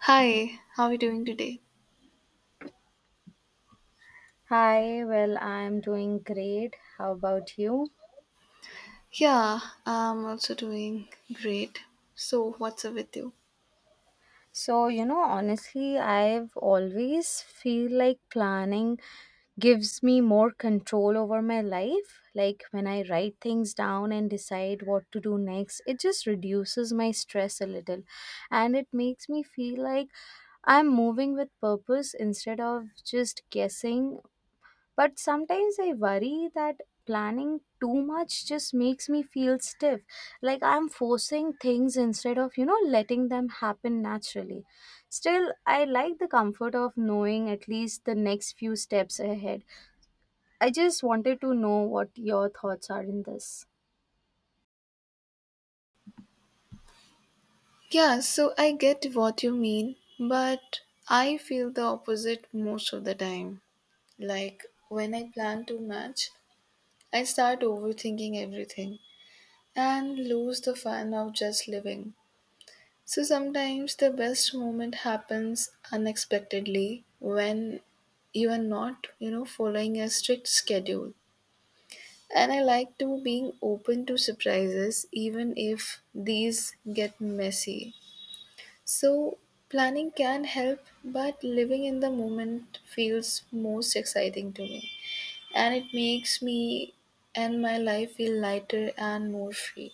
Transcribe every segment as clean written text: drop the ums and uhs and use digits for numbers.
Hi, how are you doing today? Hi, well, I'm doing great. How about you? Yeah, I'm also doing great. So, what's up with you? So, honestly, I've always feel like planning gives me more control over my life. Like when I write things down and decide what to do next, it just reduces my stress a little and it makes me feel like I'm moving with purpose instead of just guessing. But sometimes I worry that planning too much just makes me feel stiff. Like I'm forcing things instead of, letting them happen naturally. Still, I like the comfort of knowing at least the next few steps ahead. I just wanted to know what your thoughts are in this. Yeah, so I get what you mean, but I feel the opposite most of the time. Like, when I plan too much, I start overthinking everything and lose the fun of just living. So, sometimes the best moment happens unexpectedly when you are not, following a strict schedule. And I like to being open to surprises even if these get messy. So planning can help, but living in the moment feels most exciting to me. And it makes me and my life feel lighter and more free.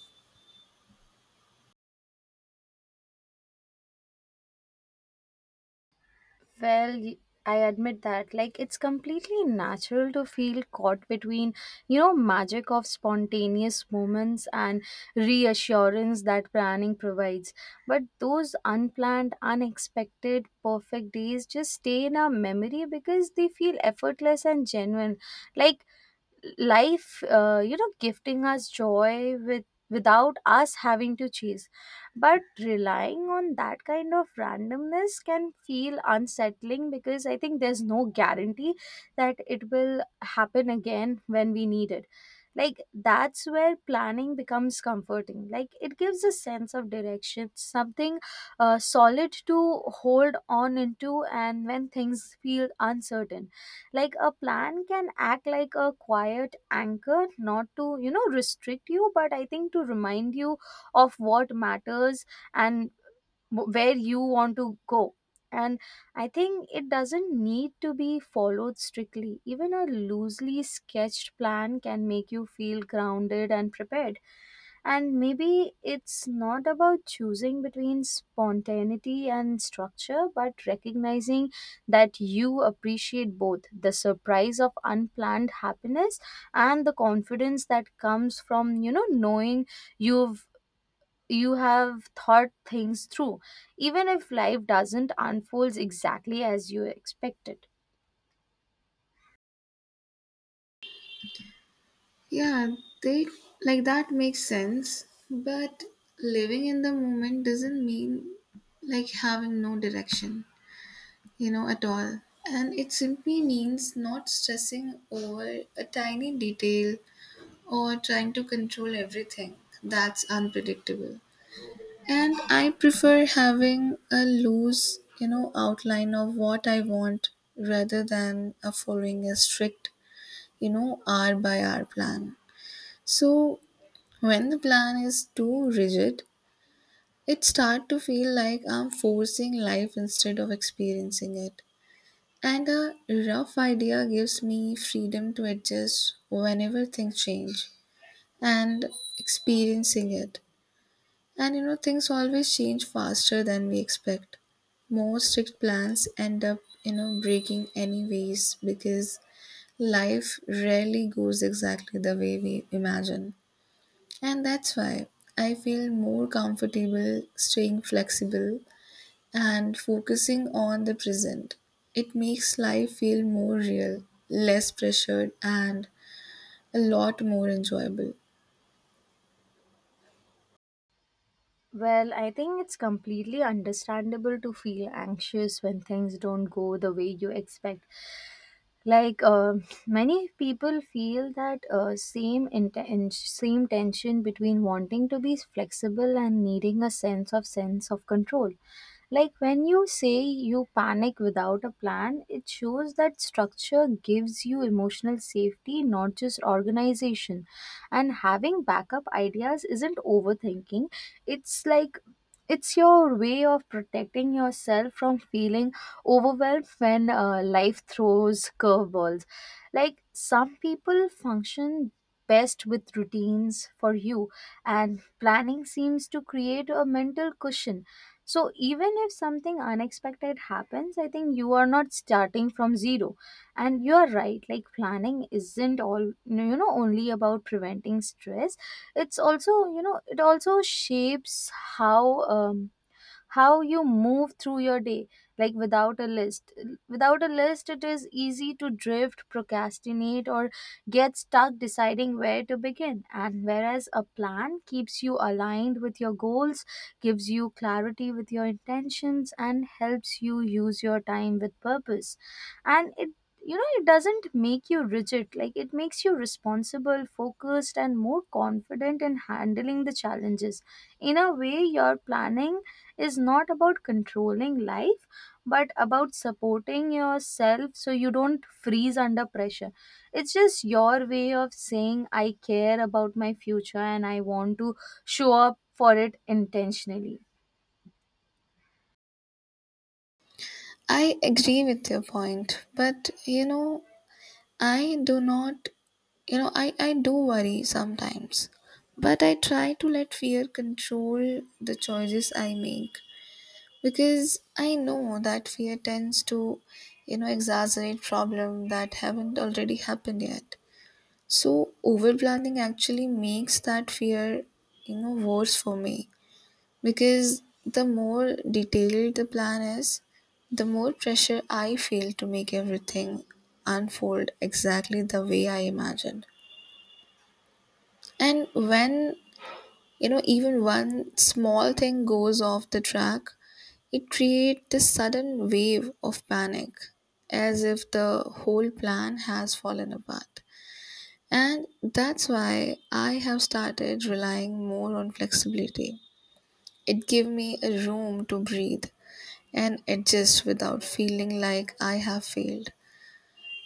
Well, I admit that. Like, it's completely natural to feel caught between, magic of spontaneous moments and reassurance that planning provides. But those unplanned, unexpected, perfect days just stay in our memory because they feel effortless and genuine. Like, life gifting us joy without us having to chase. But relying on that kind of randomness can feel unsettling because I think there's no guarantee that it will happen again when we need it. Like that's where planning becomes comforting. Like it gives a sense of direction, something solid to hold on into. And when things feel uncertain, like a plan can act like a quiet anchor, not to restrict you, but I think to remind you of what matters and where you want to go. And I think it doesn't need to be followed strictly. Even a loosely sketched plan can make you feel grounded and prepared. And maybe it's not about choosing between spontaneity and structure, but recognizing that you appreciate both the surprise of unplanned happiness and the confidence that comes from, knowing you've you have thought things through, even if life doesn't unfold exactly as you expected. Yeah, they like that makes sense. But living in the moment doesn't mean like having no direction, you know, at all. And it simply means not stressing over a tiny detail or trying to control everything that's unpredictable. And I prefer having a loose, outline of what I want rather than a following a strict, hour by hour plan. So when the plan is too rigid, it start to feel like I'm forcing life instead of experiencing it. And a rough idea gives me freedom to adjust whenever things change and experiencing it. And you know, things always change faster than we expect. More strict plans end up, breaking anyways because life rarely goes exactly the way we imagine. And that's why I feel more comfortable staying flexible and focusing on the present. It makes life feel more real, less pressured, and a lot more enjoyable. Well, I think it's completely understandable to feel anxious when things don't go the way you expect. Like many people feel that same tension between wanting to be flexible and needing a sense of control. Like when you say you panic without a plan, it shows that structure gives you emotional safety, not just organization. And having backup ideas isn't overthinking. It's like it's your way of protecting yourself from feeling overwhelmed when life throws curveballs. Like some people function best with routines for you, and planning seems to create a mental cushion. So, even if something unexpected happens, I think you are not starting from zero. And you are right, like planning isn't all, only about preventing stress. It also shapes how. How you move through your day, like without a list it is easy to drift, procrastinate, or get stuck deciding where to begin. And whereas a plan keeps you aligned with your goals, gives you clarity with your intentions, and helps you use your time with purpose. And it doesn't make you rigid. Like it makes you responsible, focused, and more confident in handling the challenges. In a way, your planning is not about controlling life, but about supporting yourself so you don't freeze under pressure. It's just your way of saying I care about my future and I want to show up for it intentionally. I agree with your point, but you know, I do not, you know, I do worry sometimes, but I try to let fear control the choices I make because I know that fear tends to, exaggerate problems that haven't already happened yet. So overplanning actually makes that fear, worse for me because the more detailed the plan is, the more pressure I feel to make everything unfold exactly the way I imagined. And when, even one small thing goes off the track, it creates this sudden wave of panic as if the whole plan has fallen apart. And that's why I have started relying more on flexibility. It gives me a room to breathe and adjust without feeling like I have failed.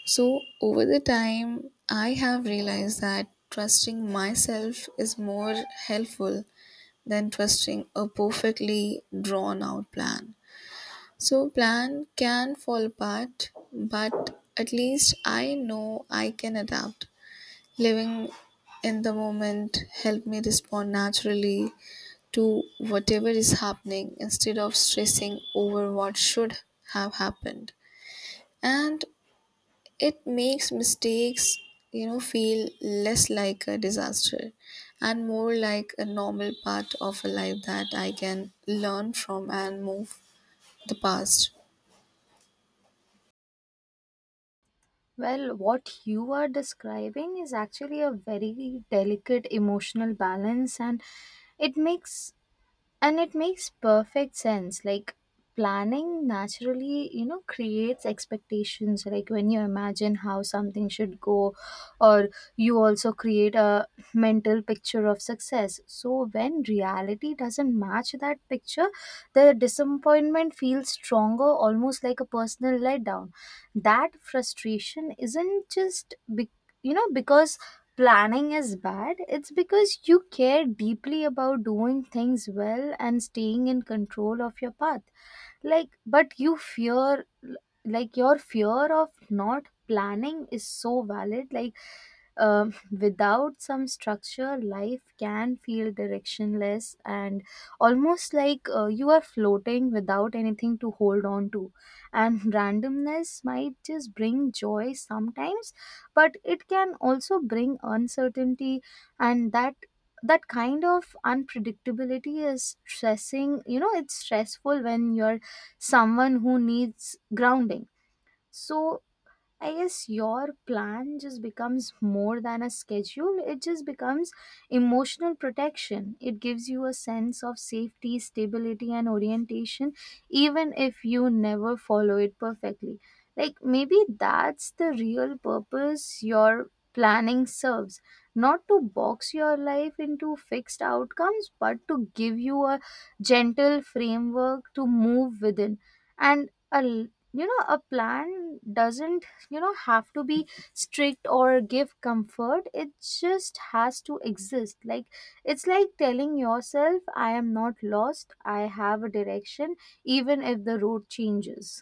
So, over the time, I have realized that trusting myself is more helpful than trusting a perfectly drawn out plan. So, plan can fall apart, but at least I know I can adapt. Living in the moment helped me respond naturally to whatever is happening instead of stressing over what should have happened. And it makes mistakes, feel less like a disaster and more like a normal part of a life that I can learn from and move the past. Well, what you are describing is actually a very delicate emotional balance, and it makes it makes perfect sense. Like planning naturally creates expectations, like when you imagine how something should go, or you also create a mental picture of success. So when reality doesn't match that picture, the disappointment feels stronger, almost like a personal letdown. That frustration isn't just because planning is bad. It's because you care deeply about doing things well and staying in control of your path. Like, your fear of not planning is so valid. Like, without some structure, life can feel directionless and almost like you are floating without anything to hold on to. And randomness might just bring joy sometimes, but it can also bring uncertainty, and that kind of unpredictability is stressing. It's stressful when you're someone who needs grounding. So I guess your plan just becomes more than a schedule. It just becomes emotional protection. It gives you a sense of safety, stability, and orientation, even if you never follow it perfectly. Like, maybe that's the real purpose your planning serves, not to box your life into fixed outcomes, but to give you a gentle framework to move within. And a plan doesn't have to be strict or give comfort. It just has to exist. Like it's like telling yourself I am not lost, I have a direction, even if the road changes.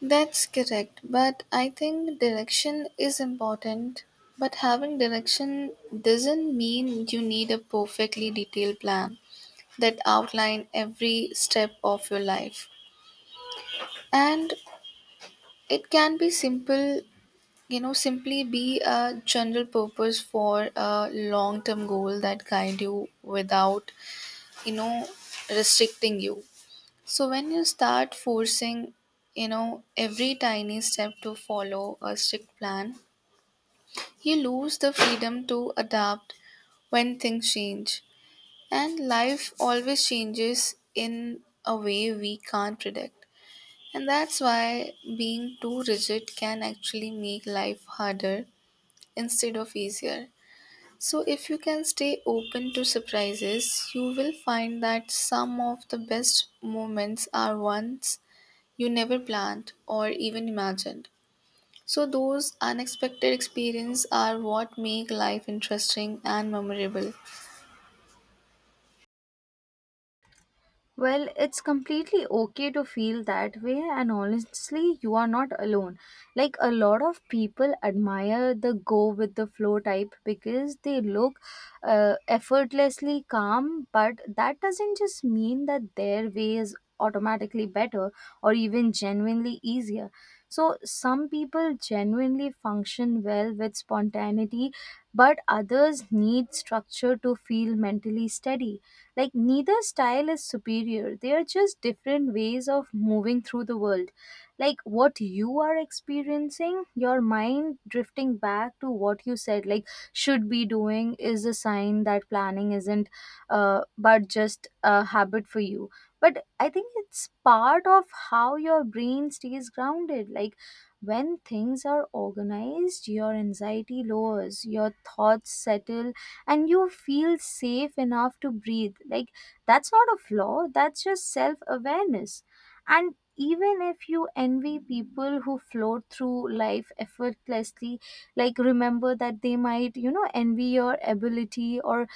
That's correct, but I think direction is important. But having direction doesn't mean you need a perfectly detailed plan that outline every step of your life. And it can be simple, simply be a general purpose for a long-term goal that guide you without, you know, restricting you. So when you start forcing, every tiny step to follow a strict plan, you lose the freedom to adapt when things change, and life always changes in a way we can't predict. And that's why being too rigid can actually make life harder instead of easier. So, if you can stay open to surprises, you will find that some of the best moments are ones you never planned or even imagined. So those unexpected experiences are what make life interesting and memorable. Well, it's completely okay to feel that way, and honestly, you are not alone. Like, a lot of people admire the go with the flow type because they look effortlessly calm, but that doesn't just mean that their way is automatically better or even genuinely easier. So, some people genuinely function well with spontaneity, but others need structure to feel mentally steady. Like, neither style is superior, they are just different ways of moving through the world. Like, what you are experiencing, your mind drifting back to what you said, like, should be doing, is a sign that planning isn't, but just a habit for you. But I think it's part of how your brain stays grounded. Like, when things are organized, your anxiety lowers, your thoughts settle, and you feel safe enough to breathe. Like that's not a flaw, that's just self awareness. And even if you envy people who float through life effortlessly, like remember that they might envy your ability, or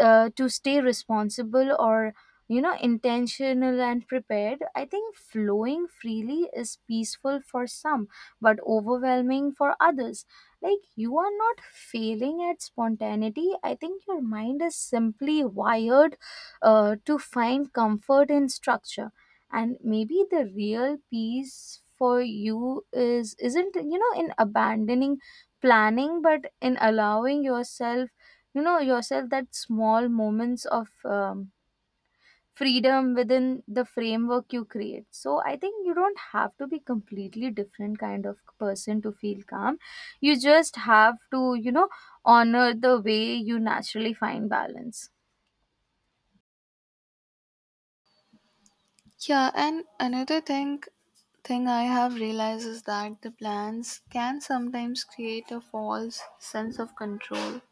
to stay responsible, or intentional and prepared. I think flowing freely is peaceful for some, but overwhelming for others. Like you are not failing at spontaneity. I think your mind is simply wired to find comfort in structure. And maybe the real peace for you is isn't in abandoning planning, but in allowing yourself you know yourself that small moments of freedom within the framework you create. So I think you don't have to be completely different kind of person to feel calm. You just have to honor the way you naturally find balance. Yeah, and another thing I have realized is that the plans can sometimes create a false sense of control.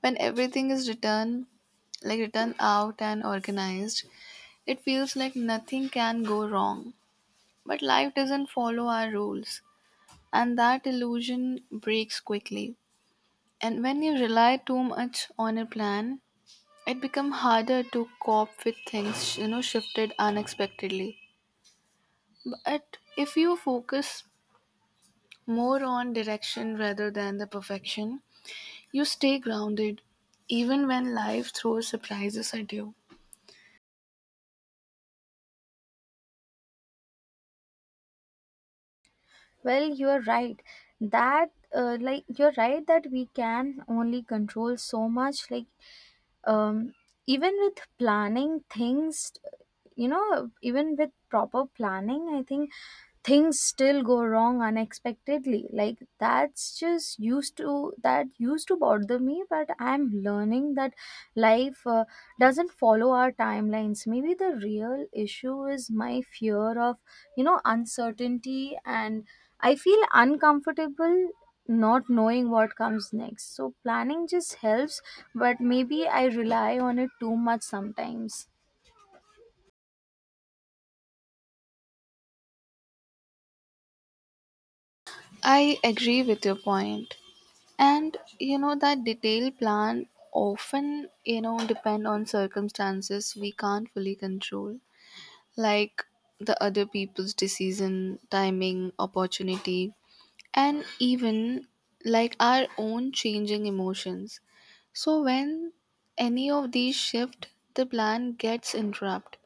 When everything is written like written out and organized, it feels like nothing can go wrong. But life doesn't follow our rules, and that illusion breaks quickly. And when you rely too much on a plan, it become harder to cope with things you know shifted unexpectedly. But if you focus more on direction rather than the perfection, you stay grounded even when life throws surprises at you. Well, you're right. That Like you're right that we can only control so much. Like um, even with planning things, even with proper planning, I think things still go wrong unexpectedly. Like that used to bother me, but I'm learning that life doesn't follow our timelines. Maybe the real issue is my fear of uncertainty, and I feel uncomfortable not knowing what comes next. So planning just helps, but maybe I rely on it too much sometimes. I agree with your point, and you know that detailed plan often you know depend on circumstances we can't fully control, like the other people's decision timing opportunity, and even like our own changing emotions. So when any of these shift, the plan gets interrupted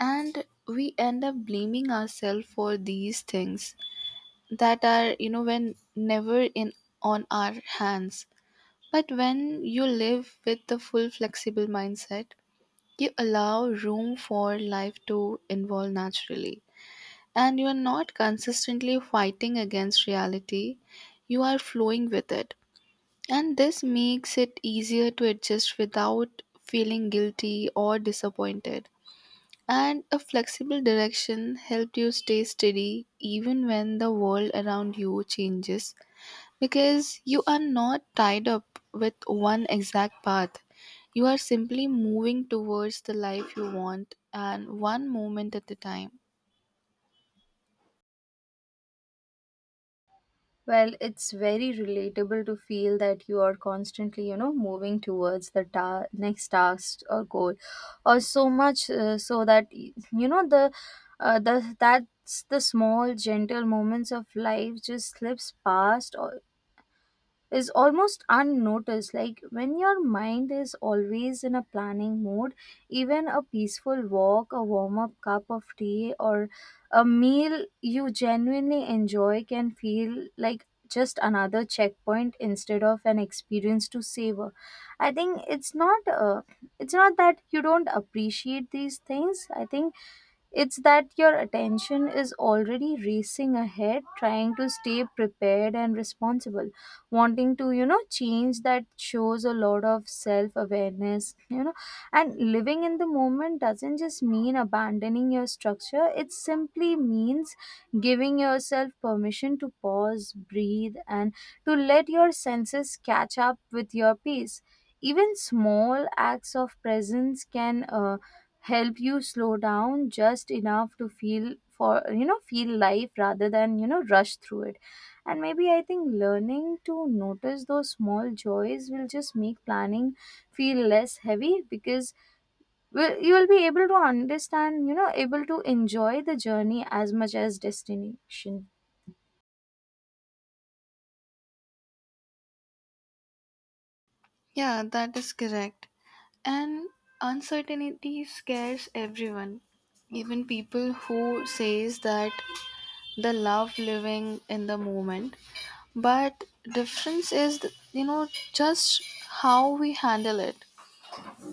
and we end up blaming ourselves for these things that are you know when never in on our hands. But when you live with the full flexible mindset, you allow room for life to evolve naturally and you are not consistently fighting against reality, you are flowing with it. And this makes it easier to adjust without feeling guilty or disappointed. And a flexible direction helps you stay steady even when the world around you changes because you are not tied up with one exact path. You are simply moving towards the life you want and one moment at a time. Well, it's very relatable to feel that you are constantly, moving towards the next task or goal, or so much so that y- you know the that's the small gentle moments of life just slips past, or is almost unnoticed. Like when your mind is always in a planning mode, even a peaceful walk, a warm up cup of tea, or a meal you genuinely enjoy can feel like just another checkpoint instead of an experience to savor. I think it's not that you don't appreciate these things. I think it's that your attention is already racing ahead, trying to stay prepared and responsible, wanting to, change that shows a lot of self awareness. And living in the moment doesn't just mean abandoning your structure, it simply means giving yourself permission to pause, breathe, and to let your senses catch up with your pace. Even small acts of presence can help you slow down just enough to feel life rather than rush through it. And maybe I think learning to notice those small joys will just make planning feel less heavy, because will you will be able to understand, able to enjoy the journey as much as destination. Yeah, that is correct. And uncertainty scares everyone, even people who says that they love living in the moment. But difference is, you know, just how we handle it.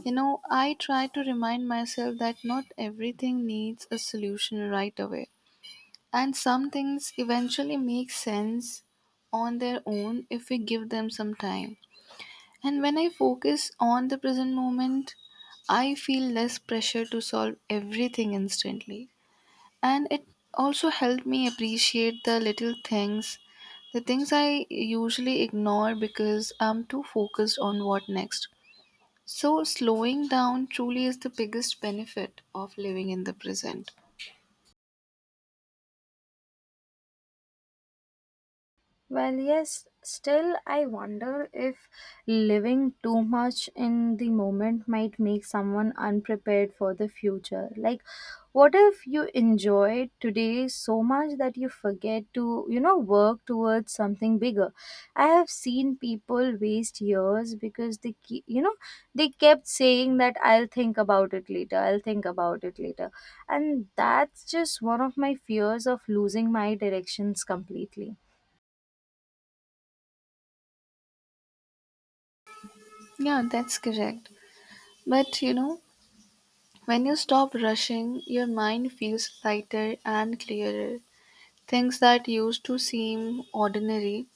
You know, I try to remind myself that not everything needs a solution right away. And some things eventually make sense on their own if we give them some time. And when I focus on the present moment, I feel less pressure to solve everything instantly. And it also helped me appreciate the little things, the things I usually ignore because I'm too focused on what next. So, slowing down truly is the biggest benefit of living in the present. Well, yes, still, I wonder if living too much in the moment might make someone unprepared for the future. Like, what if you enjoy today so much that you forget to, work towards something bigger? I have seen people waste years because they, keep, you know, they kept saying that I'll think about it later, I'll think about it later. And that's just one of my fears of losing my directions completely. Yeah, that's correct. But you know, when you stop rushing, your mind feels lighter and clearer. Things that used to seem ordinary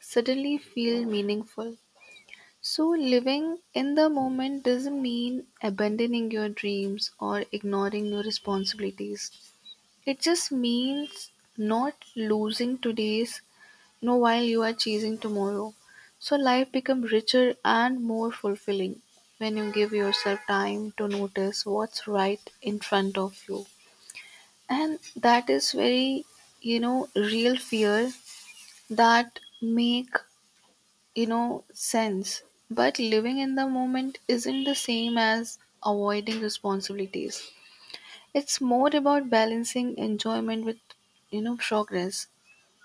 suddenly feel meaningful. So, living in the moment doesn't mean abandoning your dreams or ignoring your responsibilities. It just means not losing today's no while you are chasing tomorrow. So, life becomes richer and more fulfilling when you give yourself time to notice what's right in front of you. And that is very, real fear that make you know sense. But living in the moment isn't the same as avoiding responsibilities. It's more about balancing enjoyment with you know progress.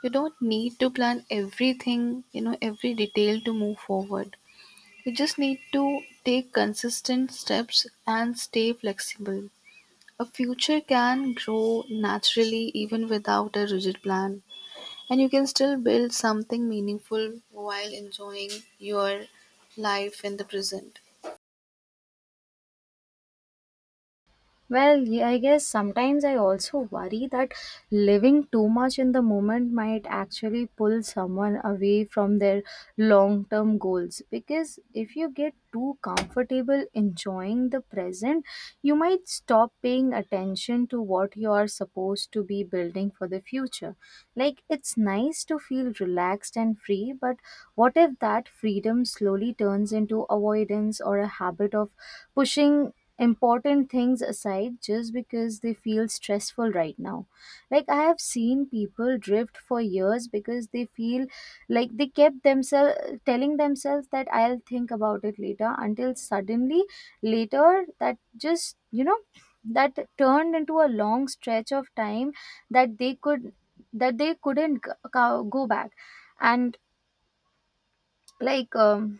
You don't need to plan everything you know every detail to move forward. You just need to take consistent steps and stay flexible. A future can grow naturally even without a rigid plan, and you can still build something meaningful while enjoying your life in the present. Well, yeah, I guess sometimes I also worry that living too much in the moment might actually pull someone away from their long term goals. Because if you get too comfortable enjoying the present, you might stop paying attention to what you are supposed to be building for the future. Like, it's nice to feel relaxed and free, but what if that freedom slowly turns into avoidance or a habit of pushing important things aside just because they feel stressful right now. Like, I have seen people drift for years because they feel like they kept themselves telling themselves that I'll think about it later until suddenly later that just you know That turned into a long stretch of time that they could that they couldn't go back. And like um,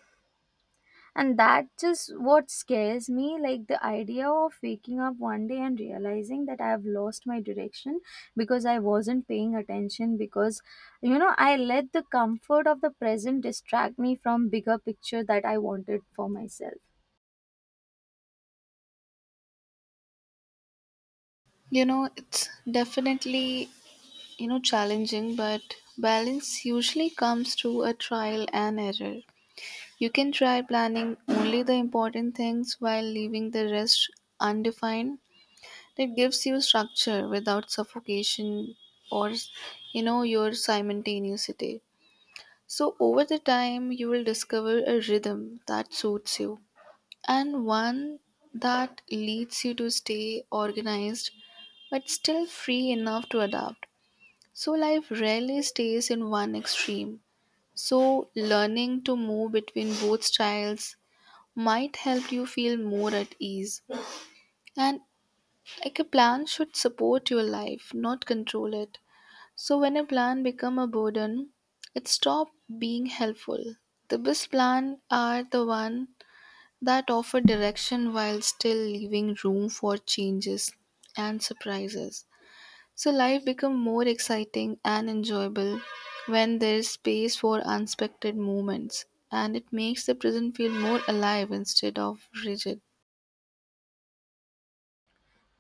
and that's just what scares me, like the idea of waking up one day and realizing that I have lost my direction because I wasn't paying attention because I let the comfort of the present distract me from bigger picture that I wanted for myself. You know, it's definitely, challenging, but balance usually comes through a trial and error. You can try planning only the important things while leaving the rest undefined. That gives you structure without suffocation or you know your simultaneity. So over the time you will discover a rhythm that suits you, and one that leads you to stay organized but still free enough to adapt. So, life rarely stays in one extreme. So, learning to move between both styles might help you feel more at ease. And like a plan should support your life, not control it. So, when a plan become a burden, it stop being helpful. The best plan are the one that offer direction while still leaving room for changes and surprises. So life becomes more exciting and enjoyable when there is space for unexpected moments, and it makes the present feel more alive instead of rigid.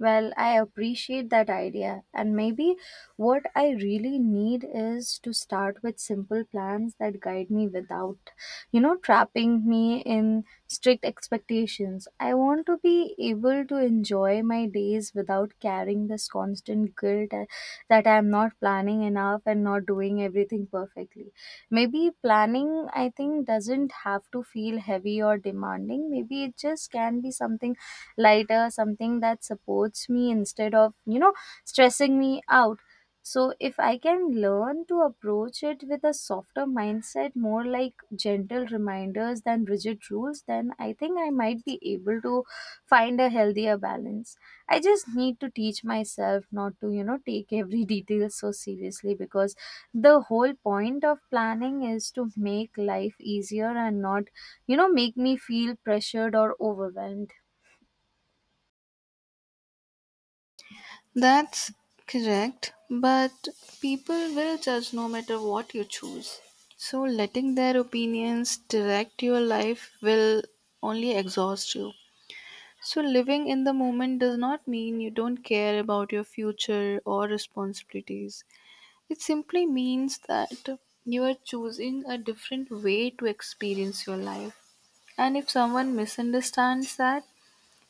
Well, I appreciate that idea, and maybe what I really need is to start with simple plans that guide me without, trapping me in strict expectations. I want to be able to enjoy my days without carrying this constant guilt, that I am not planning enough and not doing everything perfectly. Maybe planning, I think, doesn't have to feel heavy or demanding. Maybe it just can be something lighter, something that supports me instead of, stressing me out. So if I can learn to approach it with a softer mindset, more like gentle reminders than rigid rules, then I think I might be able to find a healthier balance. I just need to teach myself not to, take every detail so seriously because the whole point of planning is to make life easier and not, make me feel pressured or overwhelmed. That's correct, but people will judge no matter what you choose. So letting their opinions direct your life will only exhaust you. So, living in the moment does not mean you don't care about your future or responsibilities. It simply means that you are choosing a different way to experience your life. And if someone misunderstands that,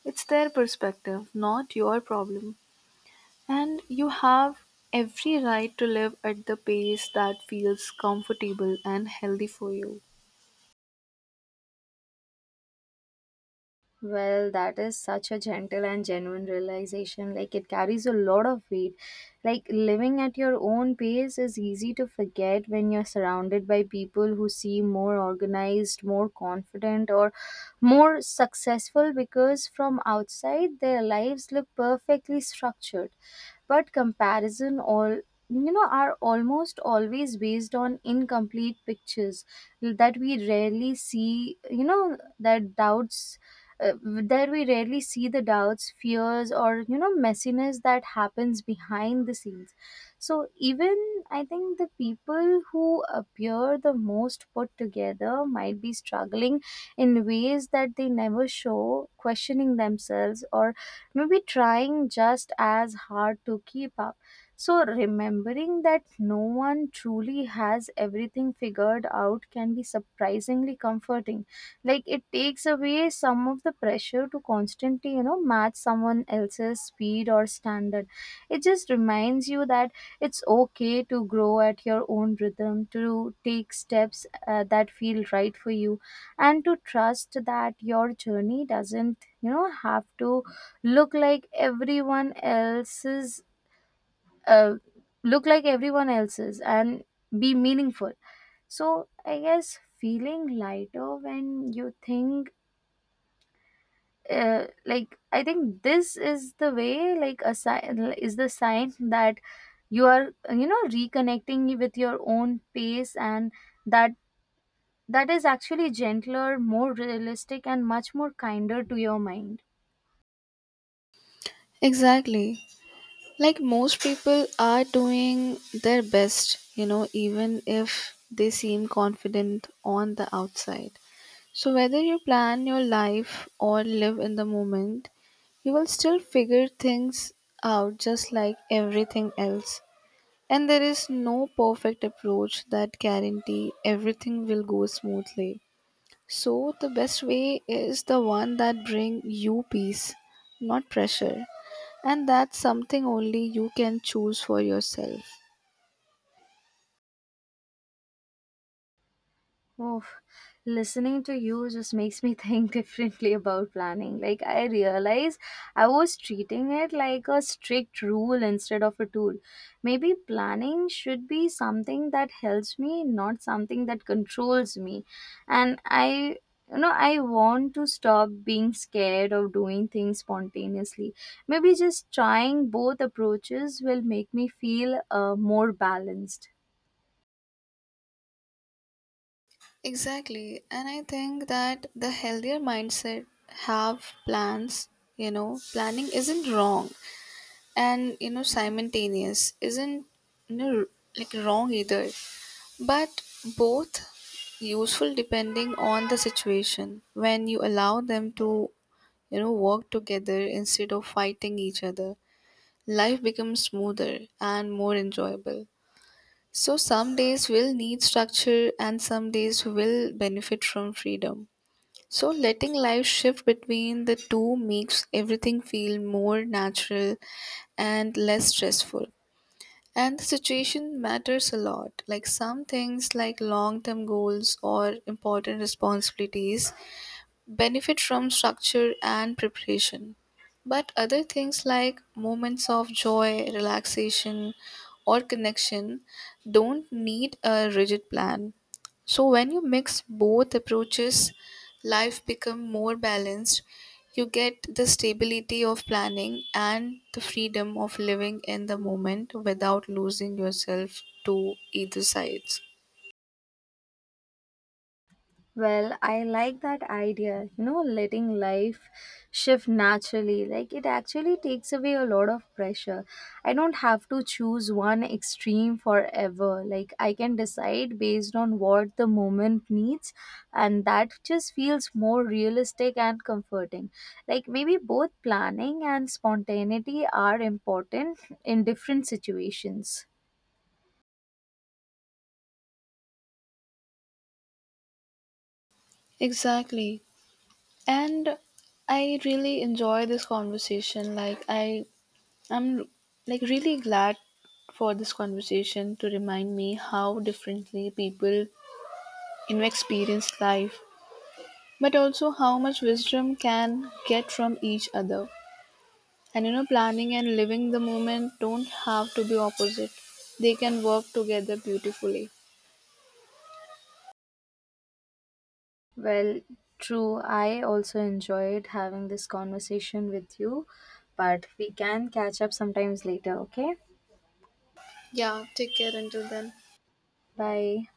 it's their perspective, not your problem. And you have every right to live at the pace that feels comfortable and healthy for you. Well, that is such a gentle and genuine realization. Like, it carries a lot of weight. Like, living at your own pace is easy to forget when you're surrounded by people who seem more organized, more confident, or more successful because from outside their lives look perfectly structured. But comparison, are almost always based on incomplete pictures that we rarely see, you know, that doubts there we rarely see the doubts, fears, or messiness that happens behind the scenes. So even, I think, the people who appear the most put together might be struggling in ways that they never show, questioning themselves or maybe trying just as hard to keep up. So remembering that no one truly has everything figured out can be surprisingly comforting. Like, it takes away some of the pressure to constantly match someone else's speed or standard. It just reminds you that it's okay to grow at your own rhythm, to take steps that feel right for you, and to trust that your journey doesn't have to look like everyone else's uh, look like everyone else's and be meaningful. So I guess feeling lighter when you think like I think this is the way, like a sign is the sign that you are reconnecting with your own pace, and that that is actually gentler, more realistic, and much more kinder to your mind. Exactly. Like most people are doing their best, you know, even if they seem confident on the outside. So, whether you plan your life or live in the moment, you will still figure things out just like everything else. And there is no perfect approach that guarantee everything will go smoothly. So, the best way is the one that bring you peace, not pressure. And that's something only you can choose for yourself. Oh, listening to you just makes me think differently about planning. Like, I realize I was treating it like a strict rule instead of a tool. Maybe planning should be something that helps me, not something that controls me. And I, I want to stop being scared of doing things spontaneously. Maybe just trying both approaches will make me feel more balanced. Exactly. And I think that the healthier mindset have plans, you know, planning isn't wrong and, you know, simultaneous isn't, you know, like wrong either, but both useful depending on the situation when you allow them to, you know, work together instead of fighting each other. Life becomes smoother and more enjoyable. So some days will need structure and some days will benefit from freedom. So letting life shift between the two makes everything feel more natural and less stressful. And the situation matters a lot. Like some things like long-term goals or important responsibilities benefit from structure and preparation. But other things like moments of joy, relaxation, or connection don't need a rigid plan. So when you mix both approaches, life become more balanced. You get the stability of planning and the freedom of living in the moment without losing yourself to either sides. Well, I like that idea, you know, letting life shift naturally. Like, it actually takes away a lot of pressure. I don't have to choose one extreme forever. Like, I can decide based on what the moment needs, and that just feels more realistic and comforting. Like, maybe both planning and spontaneity are important in different situations. Exactly. and I really enjoy this conversation. Like I'm like really glad for this conversation to remind me how differently people you know experience life, but also how much wisdom can get from each other. And you know planning and living the moment don't have to be opposite. They can work together beautifully. Well, true. I also enjoyed having this conversation with you, but we can catch up sometimes later, okay? Yeah, take care until then. Bye.